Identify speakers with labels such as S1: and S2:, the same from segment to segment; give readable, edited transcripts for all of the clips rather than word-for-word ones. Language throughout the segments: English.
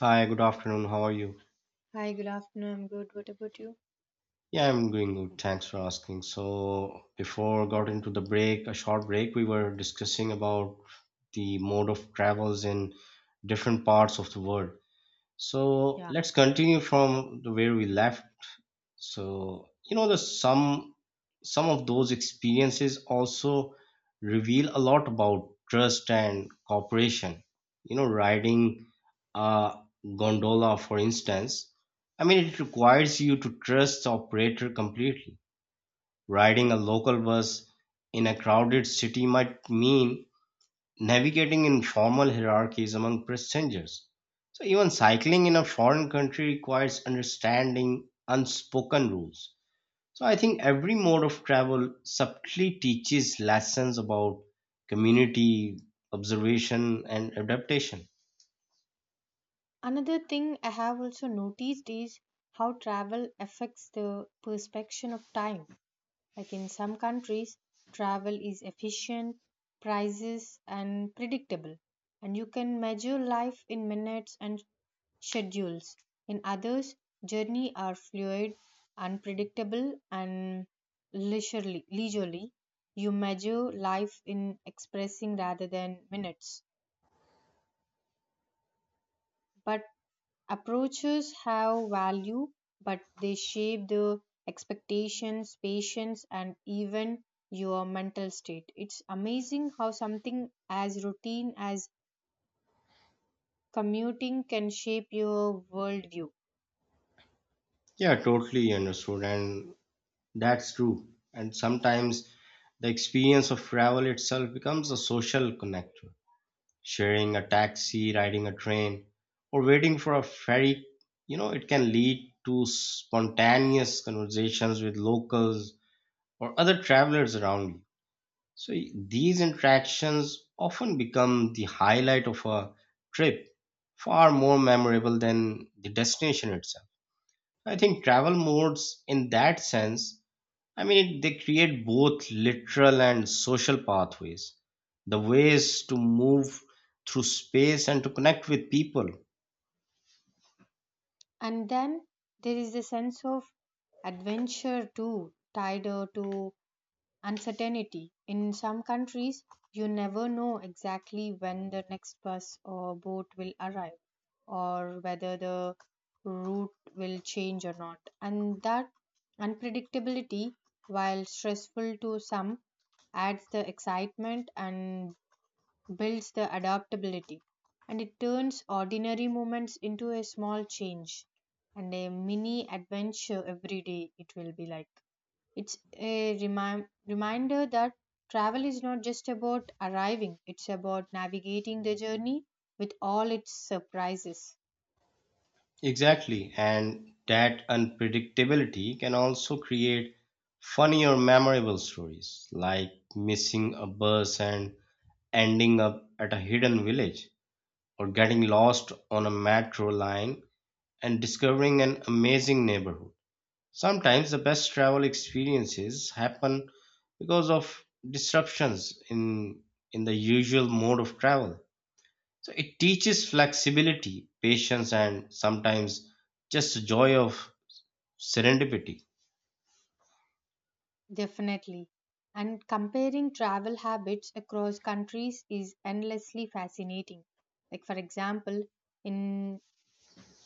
S1: Hi, good afternoon. How are you?
S2: Hi, good afternoon. I'm good. What about you?
S1: Yeah, I'm doing good. Thanks for asking. So, before got into the break, a short break, we were discussing about the mode of travels in different parts of the world. So,
S2: Yeah.
S1: let's continue from the where we left So the some of those experiences also reveal a lot about trust and cooperation, riding a gondola for instance. I mean, it requires you to trust the operator completely. Riding a local bus in a crowded city might mean navigating informal hierarchies among passengers. So even cycling in a foreign country requires understanding unspoken rules. So I think every mode of travel subtly teaches lessons about community, observation, and adaptation.
S2: Another thing I have also noticed is how travel affects the perception of time. Like in some countries, travel is efficient, prices and predictable, and you can measure life in minutes and schedules. In others, journey are fluid, unpredictable and leisurely. You measure life in expressing rather than minutes. But approaches have value, but they shape the expectations, patience, and even your mental state. It's amazing how something as routine as commuting can shape your worldview.
S1: Yeah, totally understood. And that's true. And sometimes the experience of travel itself becomes a social connector. Sharing a taxi, riding a train, or waiting for a ferry, it can lead to spontaneous conversations with locals or other travelers around you. So these interactions often become the highlight of a trip, far more memorable than the destination itself. I think travel modes, in that sense, they create both literal and social pathways, the ways to move through space and to connect with people.
S2: And then there is a sense of adventure too, tied to uncertainty. In some countries, you never know exactly when the next bus or boat will arrive, or whether the route will change or not. And that unpredictability, while stressful to some, adds the excitement and builds the adaptability. And it turns ordinary moments into a small change and a mini adventure every day, it will be like. It's a reminder that travel is not just about arriving, it's about navigating the journey with all its surprises.
S1: Exactly. And that unpredictability can also create funny or memorable stories, like missing a bus and ending up at a hidden village, or getting lost on a metro line and discovering an amazing neighborhood. Sometimes the best travel experiences happen because of disruptions in the usual mode of travel. So it teaches flexibility, patience, and sometimes just the joy of serendipity.
S2: Definitely. And comparing travel habits across countries is endlessly fascinating. Like, for example, in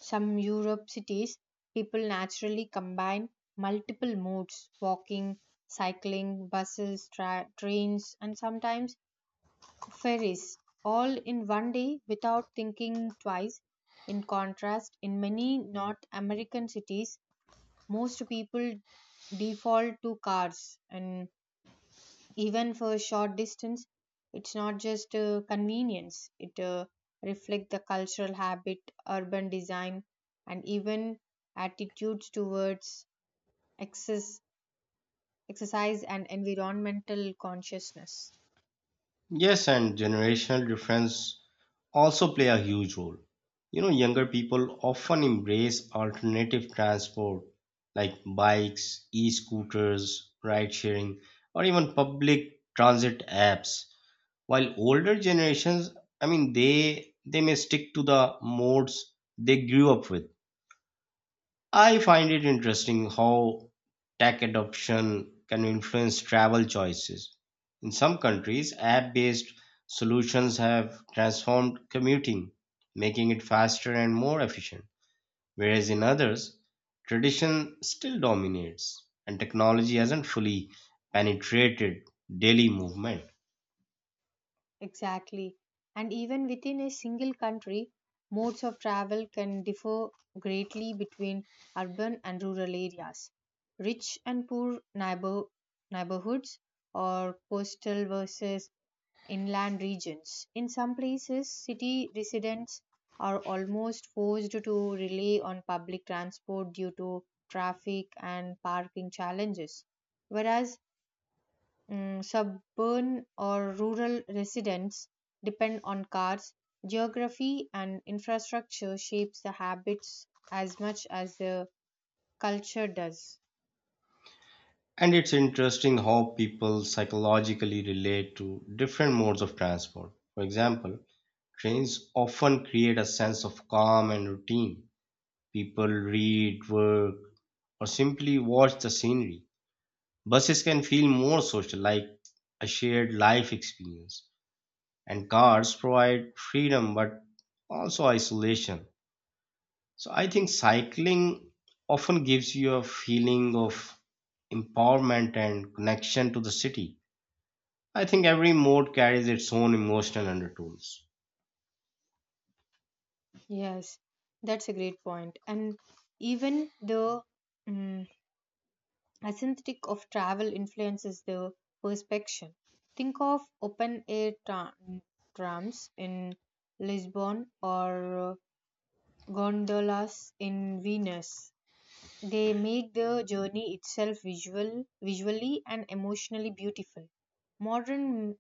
S2: some Europe cities, people naturally combine multiple modes walking, cycling, buses, trains, and sometimes ferries, all in one day without thinking twice. In contrast, in many North American cities, most people default to cars, and even for a short distance, it's not just convenience, it reflects the cultural habit, urban design, and even attitudes towards excess, exercise and environmental consciousness.
S1: Yes, and generational difference also play a huge role. You know, younger people often embrace alternative transport like bikes, e-scooters, ride sharing, or even public transit apps. While older generations, I mean, they may stick to the modes they grew up with. I find it interesting how tech adoption can influence travel choices. In some countries, app based solutions have transformed commuting, making it faster and more efficient, whereas in others, tradition still dominates and technology hasn't fully penetrated daily movement.
S2: Exactly. And even within a single country, modes of travel can differ greatly between urban and rural areas. Rich and poor neighbor, Neighborhoods or coastal versus inland regions. In some places, city residents are almost forced to rely on public transport due to traffic and parking challenges, whereas suburban or rural residents depend on cars. Geography and infrastructure shapes the habits as much as the culture does.
S1: And it's interesting how people psychologically relate to different modes of transport. For example, trains often create a sense of calm and routine. People read, work, or simply watch the scenery. Buses can feel more social, like a shared life experience. And cars provide freedom but also isolation. So I think cycling often gives you a feeling of empowerment and connection to the city. I think every mode carries its own emotional undertones.
S2: Yes, that's a great point. And even the mm aesthetic of travel influences the perception. Think of open air trams in Lisbon or uh, gondolas in Venice. They make the journey itself visually and emotionally beautiful. Modern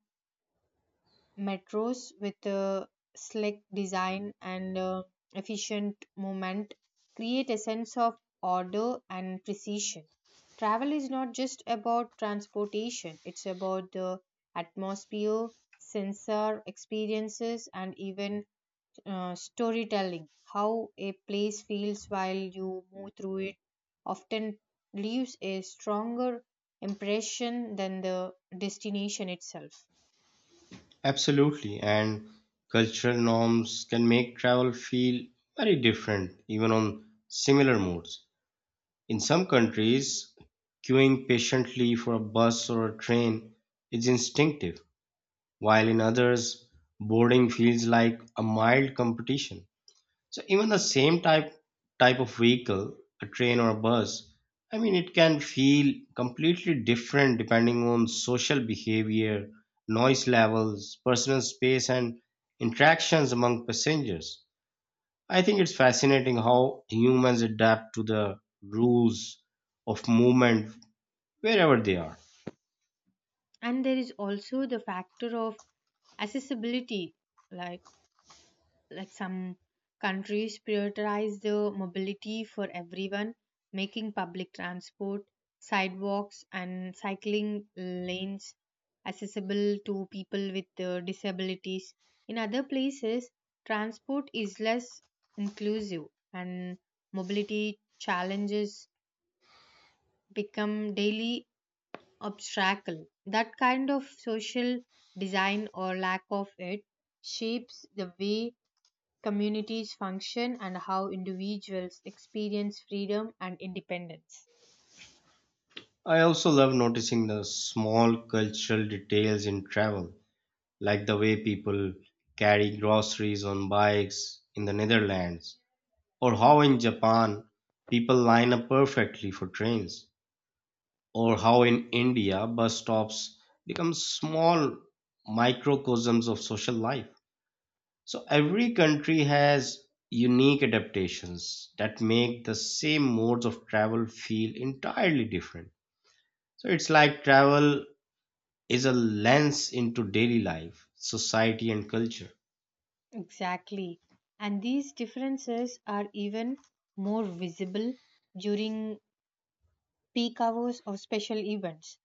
S2: metros with a slick design and efficient movement create a sense of order and precision. Travel is not just about transportation, it's about the atmosphere, sensor experiences, and even storytelling, how a place feels while you move through it, often leaves a stronger impression than the destination itself.
S1: Absolutely, and cultural norms can make travel feel very different, even on similar modes. In some countries, queuing patiently for a bus or a train is instinctive, while in others, boarding feels like a mild competition. So even the same type of vehicle, a train or a bus, I mean it can feel completely different depending on social behavior, noise levels, personal space and interactions among passengers. I think it's fascinating how humans adapt to the rules of movement wherever they are.
S2: And there is also the factor of accessibility, like like some countries prioritize the mobility for everyone, making public transport, sidewalks and cycling lanes accessible to people with disabilities. In other places transport is less inclusive, and mobility challenges become daily obstacle. That kind of social design or lack of it shapes the way communities function and how individuals experience freedom and independence.
S1: I also love noticing the small cultural details in travel, like the way people carry groceries on bikes in the Netherlands, or how in Japan people line up perfectly for trains, or how in India bus stops become small microcosms of social life. So every country has unique adaptations that make the same modes of travel feel entirely different. So it's like travel is a lens into daily life, society, and culture.
S2: Exactly. And these differences are even more visible during peak hours of special events.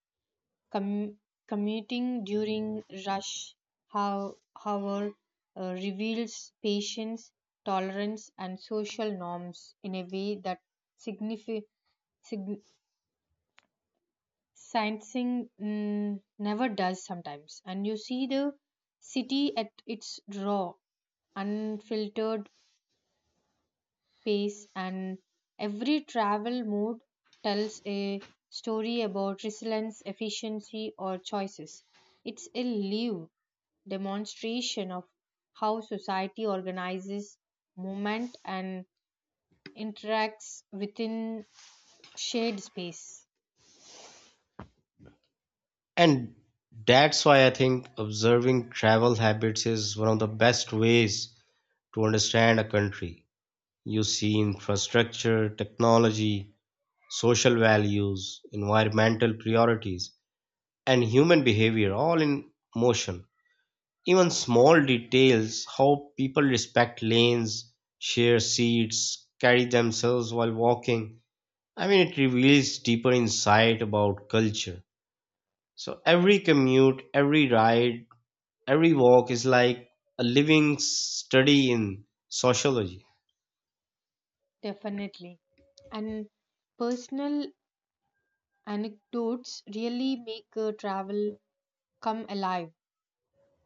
S2: Com- Commuting during rush hou- hour reveals patience, tolerance, and social norms in a way that signifi- sig- sightseeing never does sometimes, and you see the city at its raw, unfiltered pace. And every travel mode tells a story about resilience, efficiency or choices. It's a live demonstration of how society organizes movement and interacts within shared space.
S1: And that's why I think observing travel habits is one of the best ways to understand a country. You see infrastructure, technology, social values, environmental priorities, and human behavior all in motion. Even small details, how people respect lanes, share seats, carry themselves while walking. I mean, it reveals deeper insight about culture. So every commute, every ride, every walk is like a living study in sociology.
S2: Definitely. And personal anecdotes really make travel come alive.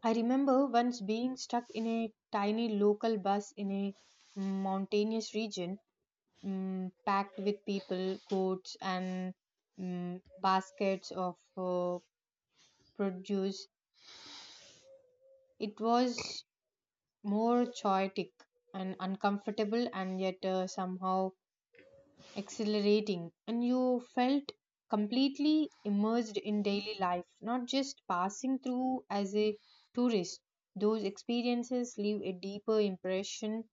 S2: I remember once being stuck in a tiny local bus in a mountainous region, packed with people, goats, and baskets of produce. It was more chaotic and uncomfortable, and yet somehow exhilarating, and you felt completely immersed in daily life, not just passing through as a tourist. Those experiences leave a deeper impression,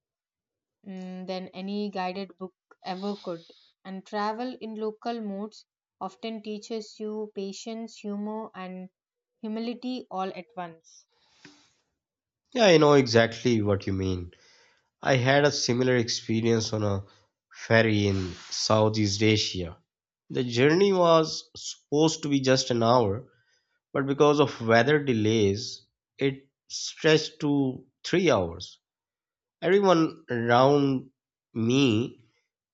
S2: than any guided book ever could. And travel in local modes often teaches you patience, humor, and humility all at once.
S1: Yeah, I know exactly what you mean. I had a similar experience on a ferry in Southeast Asia. The journey was supposed to be just an hour, but because of weather delays, it stretched to 3 hours. Everyone around me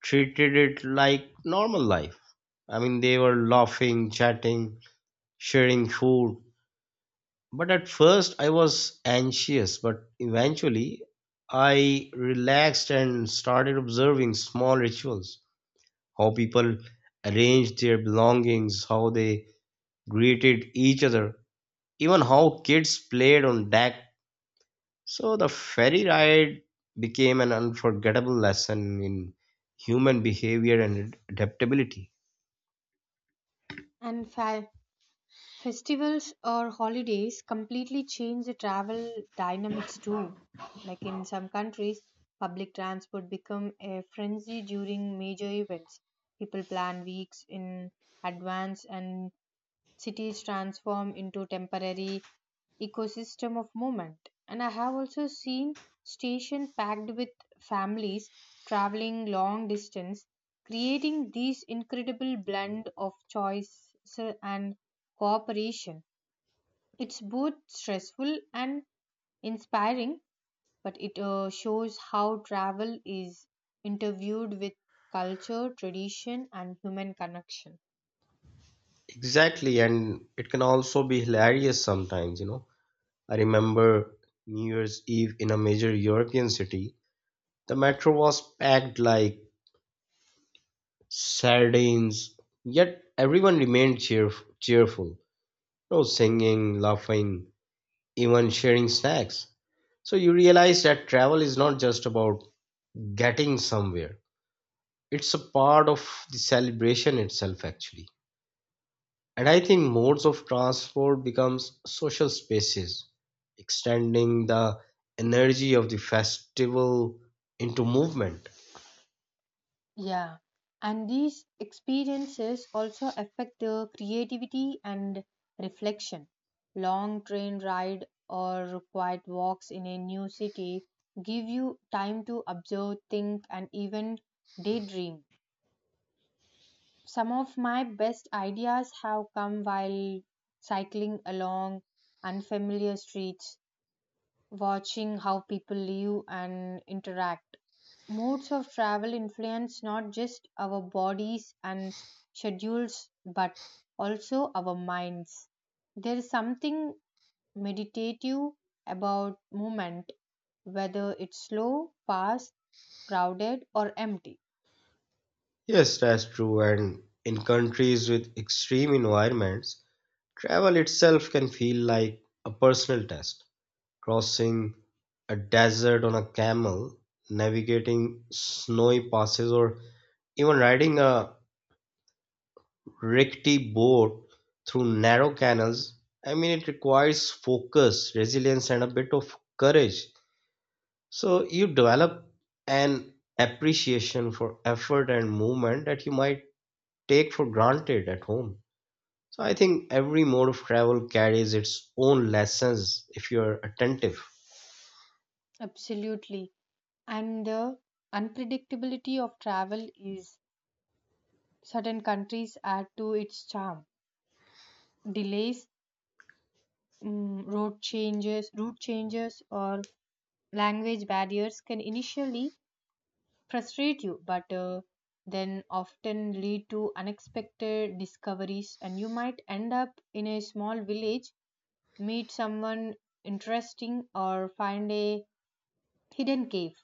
S1: treated it like normal life. I mean, they were laughing, chatting, sharing food. But at first, I was anxious, but eventually, I relaxed and started observing small rituals, how people arranged their belongings, how they greeted each other, even how kids played on deck. So, the ferry ride became an unforgettable lesson in human behavior and adaptability.
S2: And fa- Festivals or holidays completely change the travel dynamics too. Like in some countries, public transport become a frenzy during major events. People plan weeks in advance, and cities transform into temporary ecosystem of movement. And I have also seen station packed with families traveling long distance, creating this incredible blend of choice and cooperation. It's both stressful and inspiring, but it shows how travel is interviewed with culture, tradition and human connection.
S1: Exactly, and it can also be hilarious sometimes, you know. I remember New Year's Eve in a major European city. The metro was packed like sardines, yet everyone remained cheerful. No singing, laughing, even sharing snacks. So you realize that travel is not just about getting somewhere, it's a part of the celebration itself, actually. And I think modes of transport becomes social spaces, extending the energy of the festival into movement.
S2: Yeah, and these experiences also affect the creativity and reflection. Long train ride or quiet walks in a new city give you time to observe, think, and even daydream. Some of my best ideas have come while cycling along unfamiliar streets, watching how people live and interact. Modes of travel influence not just our bodies and schedules, but also our minds. There is something meditative about movement, whether it's slow, fast, crowded, or empty.
S1: Yes, that's true. And in countries with extreme environments, travel itself can feel like a personal test. Crossing a desert on a camel, navigating snowy passes, or even riding a rickety boat through narrow canals, I mean, it requires focus, resilience, and a bit of courage. So you develop an appreciation for effort and movement that you might take for granted at home. So I think every mode of travel carries its own lessons if you are attentive.
S2: Absolutely. And the unpredictability of travel is certain countries add to its charm. Delays, route changes, or language barriers can initially frustrate you, but then often lead to unexpected discoveries, and you might end up in a small village, meet someone interesting, or find a hidden cave.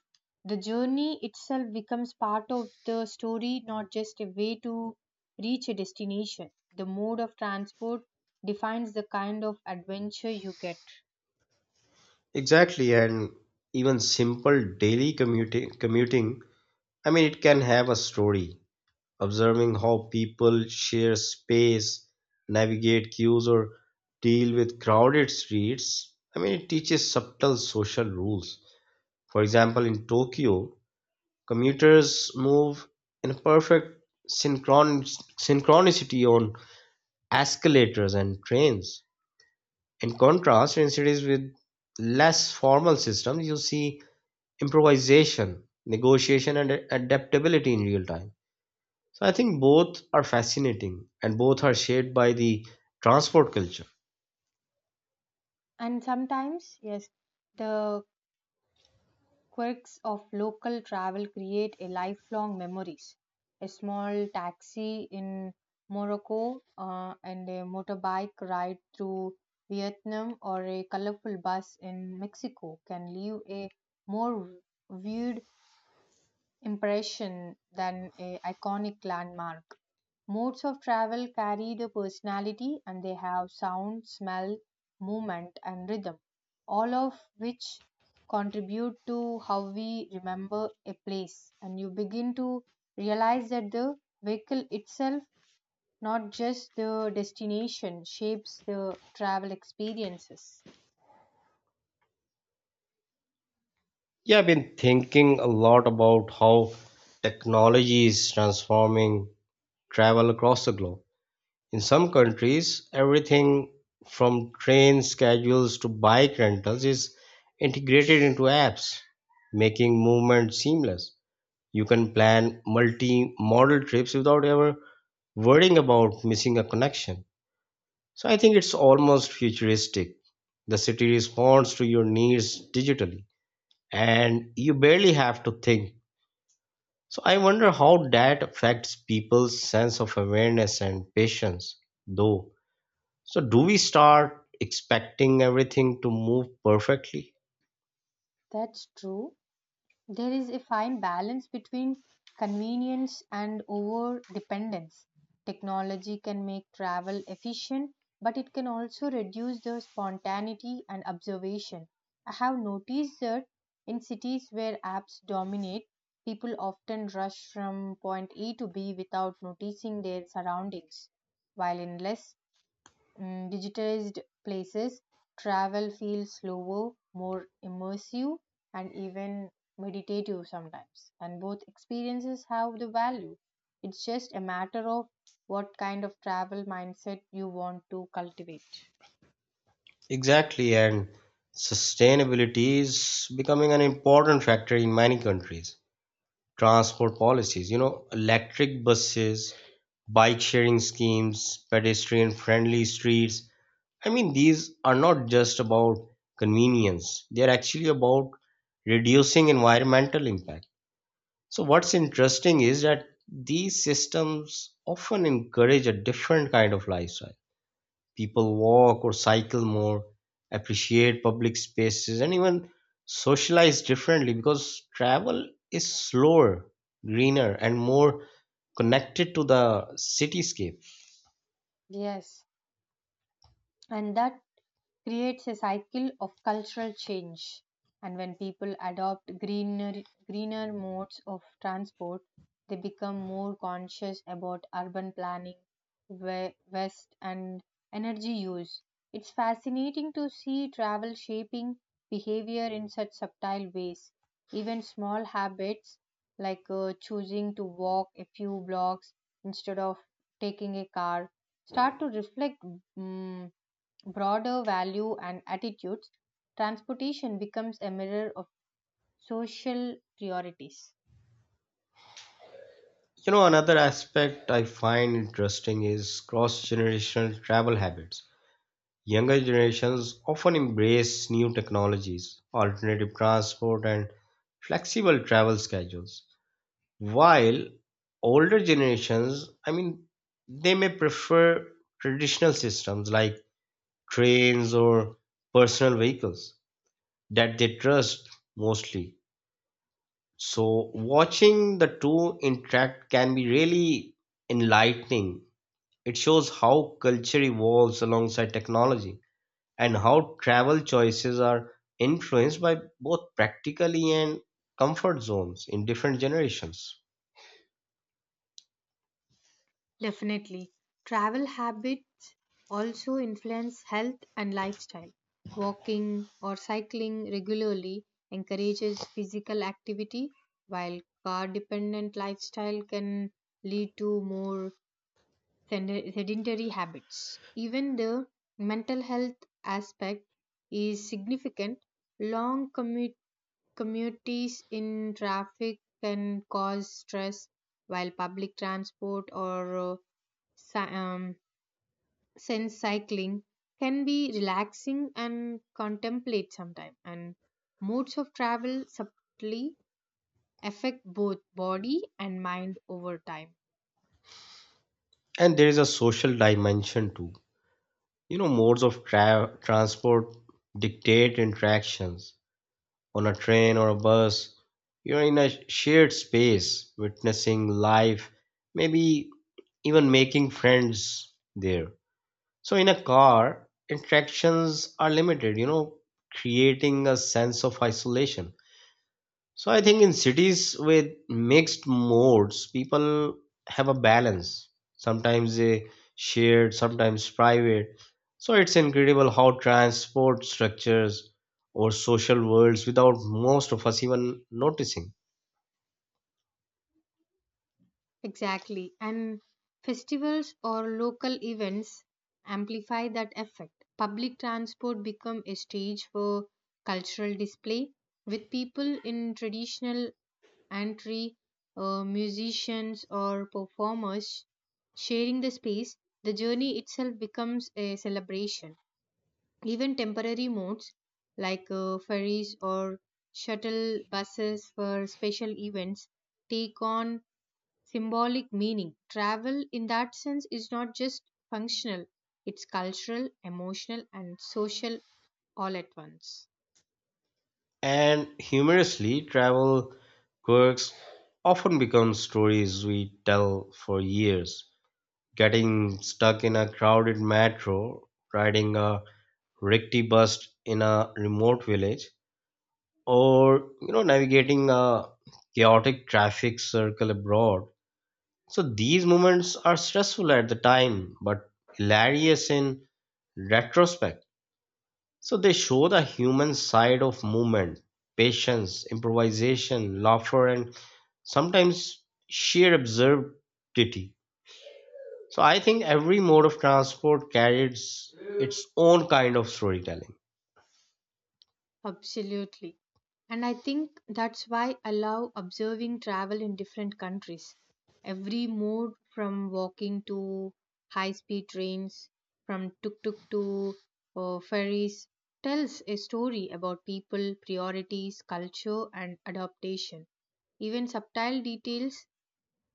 S2: The journey itself becomes part of the story, not just a way to reach a destination. The mode of transport defines the kind of adventure you get.
S1: Exactly, and even simple daily commuting, I mean, it can have a story. Observing how people share space, navigate queues, or deal with crowded streets, I mean, it teaches subtle social rules. For example, in Tokyo, commuters move in a perfect synchron- synchronicity on escalators and trains. In contrast, in cities with less formal systems, you see improvisation, negotiation, and adaptability in real time. So I think both are fascinating and both are shaped by the transport culture.
S2: And sometimes, yes, the quirks of local travel create a lifelong memories. A small taxi in Morocco and a motorbike ride through Vietnam or a colorful bus in Mexico can leave a more vivid impression than a iconic landmark. Modes of travel carry the personality, and they have sound, smell, movement, and rhythm, all of which contribute to how we remember a place. And you begin to realize that the vehicle itself, not just the destination, shapes the travel experiences.
S1: Yeah, I've been thinking a lot about how technology is transforming travel across the globe. In some countries, everything from train schedules to bike rentals is integrated into apps, making movement seamless. You can plan multi modal trips without ever worrying about missing a connection. So I think it's almost futuristic. The city responds to your needs digitally and you barely have to think. So I wonder how that affects people's sense of awareness and patience, though. So do we start expecting everything to move perfectly?
S2: That's true. There is a fine balance between convenience and over dependence. Technology can make travel efficient, but it can also reduce the spontaneity and observation. I have noticed that in cities where apps dominate, people often rush from point A to B without noticing their surroundings, while in less digitized places, travel feels slower, more immersive, and even meditative sometimes. And both experiences have the value. It's just a matter of what kind of travel mindset you want to cultivate.
S1: Exactly, and sustainability is becoming an important factor in many countries. Transport policies, you know, electric buses, bike sharing schemes, pedestrian friendly streets. I mean, these are not just about convenience, they are actually about reducing environmental impact. So, what's interesting is that these systems often encourage a different kind of lifestyle. People walk or cycle more, appreciate public spaces, and even socialize differently because travel is slower, greener, and more connected to the cityscape.
S2: Yes, and that creates a cycle of cultural change. And when people adopt greener modes of transport, they become more conscious about urban planning, waste, and energy use. It's fascinating to see travel shaping behavior in such subtle ways. Even small habits like choosing to walk a few blocks instead of taking a car start to reflect mm broader value and attitudes. Transportation becomes a mirror of social priorities.
S1: You know, another aspect I find interesting is cross generational travel habits. Younger generations often embrace new technologies, alternative transport, and flexible travel schedules, while older generations, I mean, they may prefer traditional systems like trains or personal vehicles that they trust mostly. So, watching the two interact can be really enlightening. It shows how culture evolves alongside technology and how travel choices are influenced by both practically and comfort zones in different generations.
S2: Definitely. Travel habits also influence health and lifestyle. Walking or cycling regularly encourages physical activity, while car dependent lifestyle can lead to more sedentary habits. Even the mental health aspect is significant. Long commute Commutes in traffic can cause stress, while public transport or cy- sense cycling can be relaxing and contemplate sometimes. And modes of travel subtly affect both body and mind over time.
S1: And there is a social dimension too. You know, modes of transport dictate interactions on a train or a bus. You're in a shared space, witnessing life, maybe even making friends there. So in a car, interactions are limited, you know, creating a sense of isolation. So I think in cities with mixed modes, people have a balance. Sometimes they shared, sometimes private. So it's incredible how transport structures or social worlds without most of us even noticing.
S2: Exactly. And festivals or local events amplify that effect. Public transport become a stage for cultural display, with people in traditional entry, musicians or performers sharing the space. The journey itself becomes a celebration. Even temporary modes like ferries or shuttle buses for special events take on symbolic meaning. Travel, in that sense, is not just functional, it's cultural, emotional, and social all at once.
S1: And humorously, travel quirks often become stories we tell for years, getting stuck in a crowded metro, riding a rickety bus in a remote village, or you know navigating a chaotic traffic circle abroad. So these moments are stressful at the time, but hilarious in retrospect. So they show the human side of movement, patience, improvisation, laughter, and sometimes sheer absurdity. So I think every mode of transport carries its own kind of storytelling.
S2: Absolutely. And I think that's why I love observing travel in different countries. Every mode from walking to high speed trains, from tuk tuk to ferries, tells a story about people, priorities, culture, and adaptation. Even subtle details,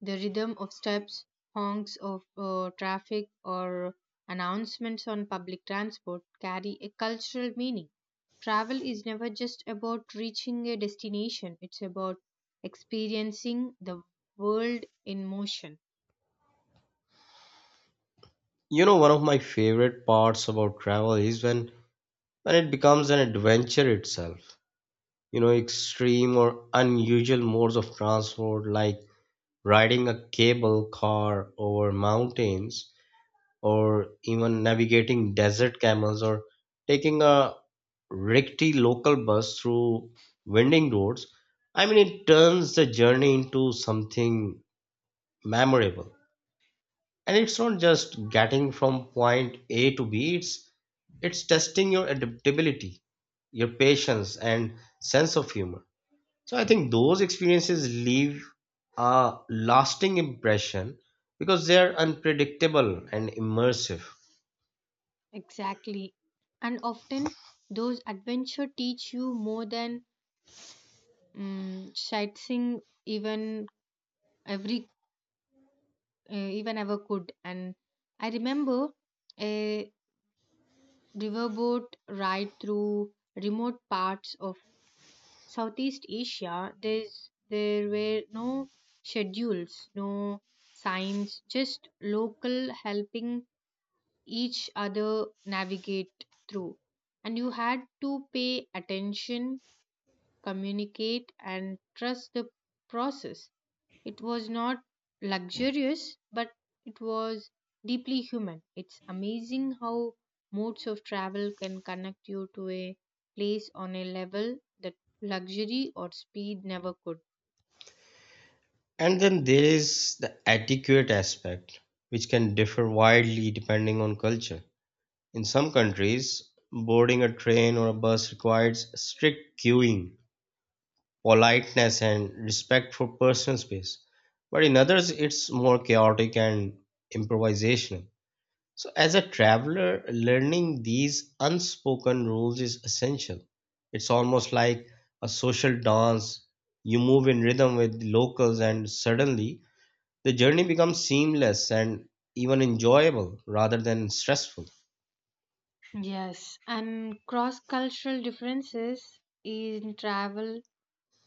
S2: the rhythm of steps, honks of traffic, or announcements on public transport carry a cultural meaning. Travel is never just about reaching a destination, it's about experiencing the world in motion.
S1: You know, one of my favorite parts about travel is when it becomes an adventure itself. You know, extreme or unusual modes of transport like riding a cable car over mountains or even navigating desert camels or taking a rickety local bus through winding roads. I mean, it turns the journey into something memorable. And it's not just getting from point A to B, it's testing your adaptability, your patience and sense of humor. So I think those experiences leave a lasting impression because they are unpredictable and immersive.
S2: Exactly. And often, those adventures teach you more than sightseeing even every even ever could. And I remember a riverboat ride through remote parts of Southeast Asia. There were no schedules, no signs, just local helping each other navigate through. And you had to pay attention, communicate, and trust the process. It was not luxurious, but it was deeply human. It's amazing how modes of travel can connect you to a place on a level that luxury or speed never could.
S1: And then there is the etiquette aspect, which can differ widely depending on culture. In some countries, boarding a train or a bus requires strict queuing politeness and respect for personal space. But in others, it's more chaotic and improvisational. So, as a traveler, learning these unspoken rules is essential. It's almost like a social dance. You move in rhythm with locals, and suddenly the journey becomes seamless and even enjoyable rather than stressful.
S2: Yes, and cross cultural differences in travel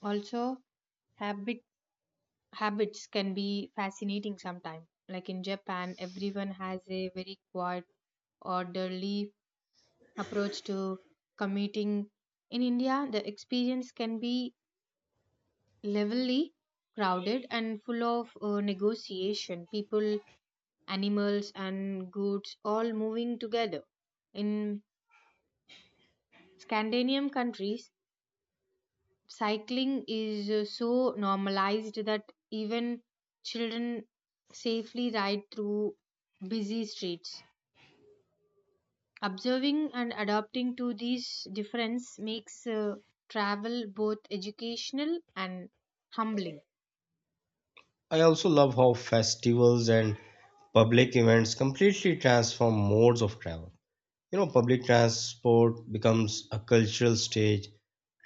S2: also habit habits can be fascinating sometimes. Like in Japan, everyone has a very quiet, orderly approach to commuting. In India, the experience can be levelly crowded and full of negotiation. People, animals, and goods all moving together. In Scandinavian countries, cycling is so normalized that even children safely ride through busy streets. Observing and adapting to these differences makes travel both educational and humbling.
S1: I also love how festivals and public events completely transform modes of travel. You know, public transport becomes a cultural stage.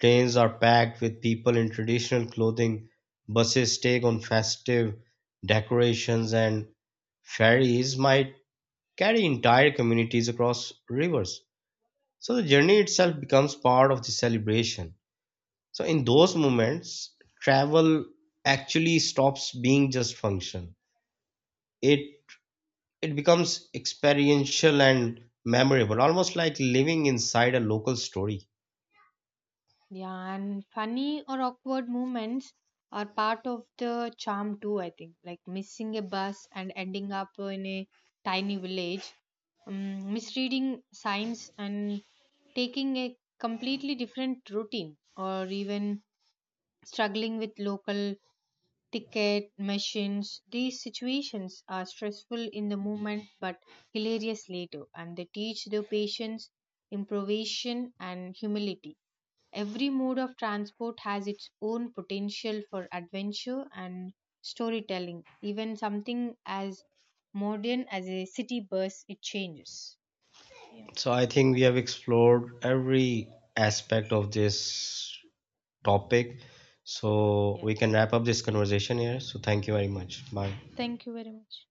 S1: Trains are packed with people in traditional clothing, buses take on festive decorations, and ferries might carry entire communities across rivers. So the journey itself becomes part of the celebration. So in those moments, travel actually stops being just function. It it becomes experiential and memorable, almost like living inside a local story.
S2: Yeah, and funny or awkward moments are part of the charm too, I think. Like missing a bus and ending up in a tiny village, misreading signs and taking a completely different routine, or even struggling with local ticket machines. These situations are stressful in the moment but hilarious later, and they teach the patience, improvisation, and humility. Every mode of transport has its own potential for adventure and storytelling. Even something as modern as a city bus, it changes. Yeah.
S1: So I think we have explored every aspect of this topic. So we can
S2: Yes.
S1: wrap up this conversation here. So thank you very much. Bye.
S2: Thank you very much.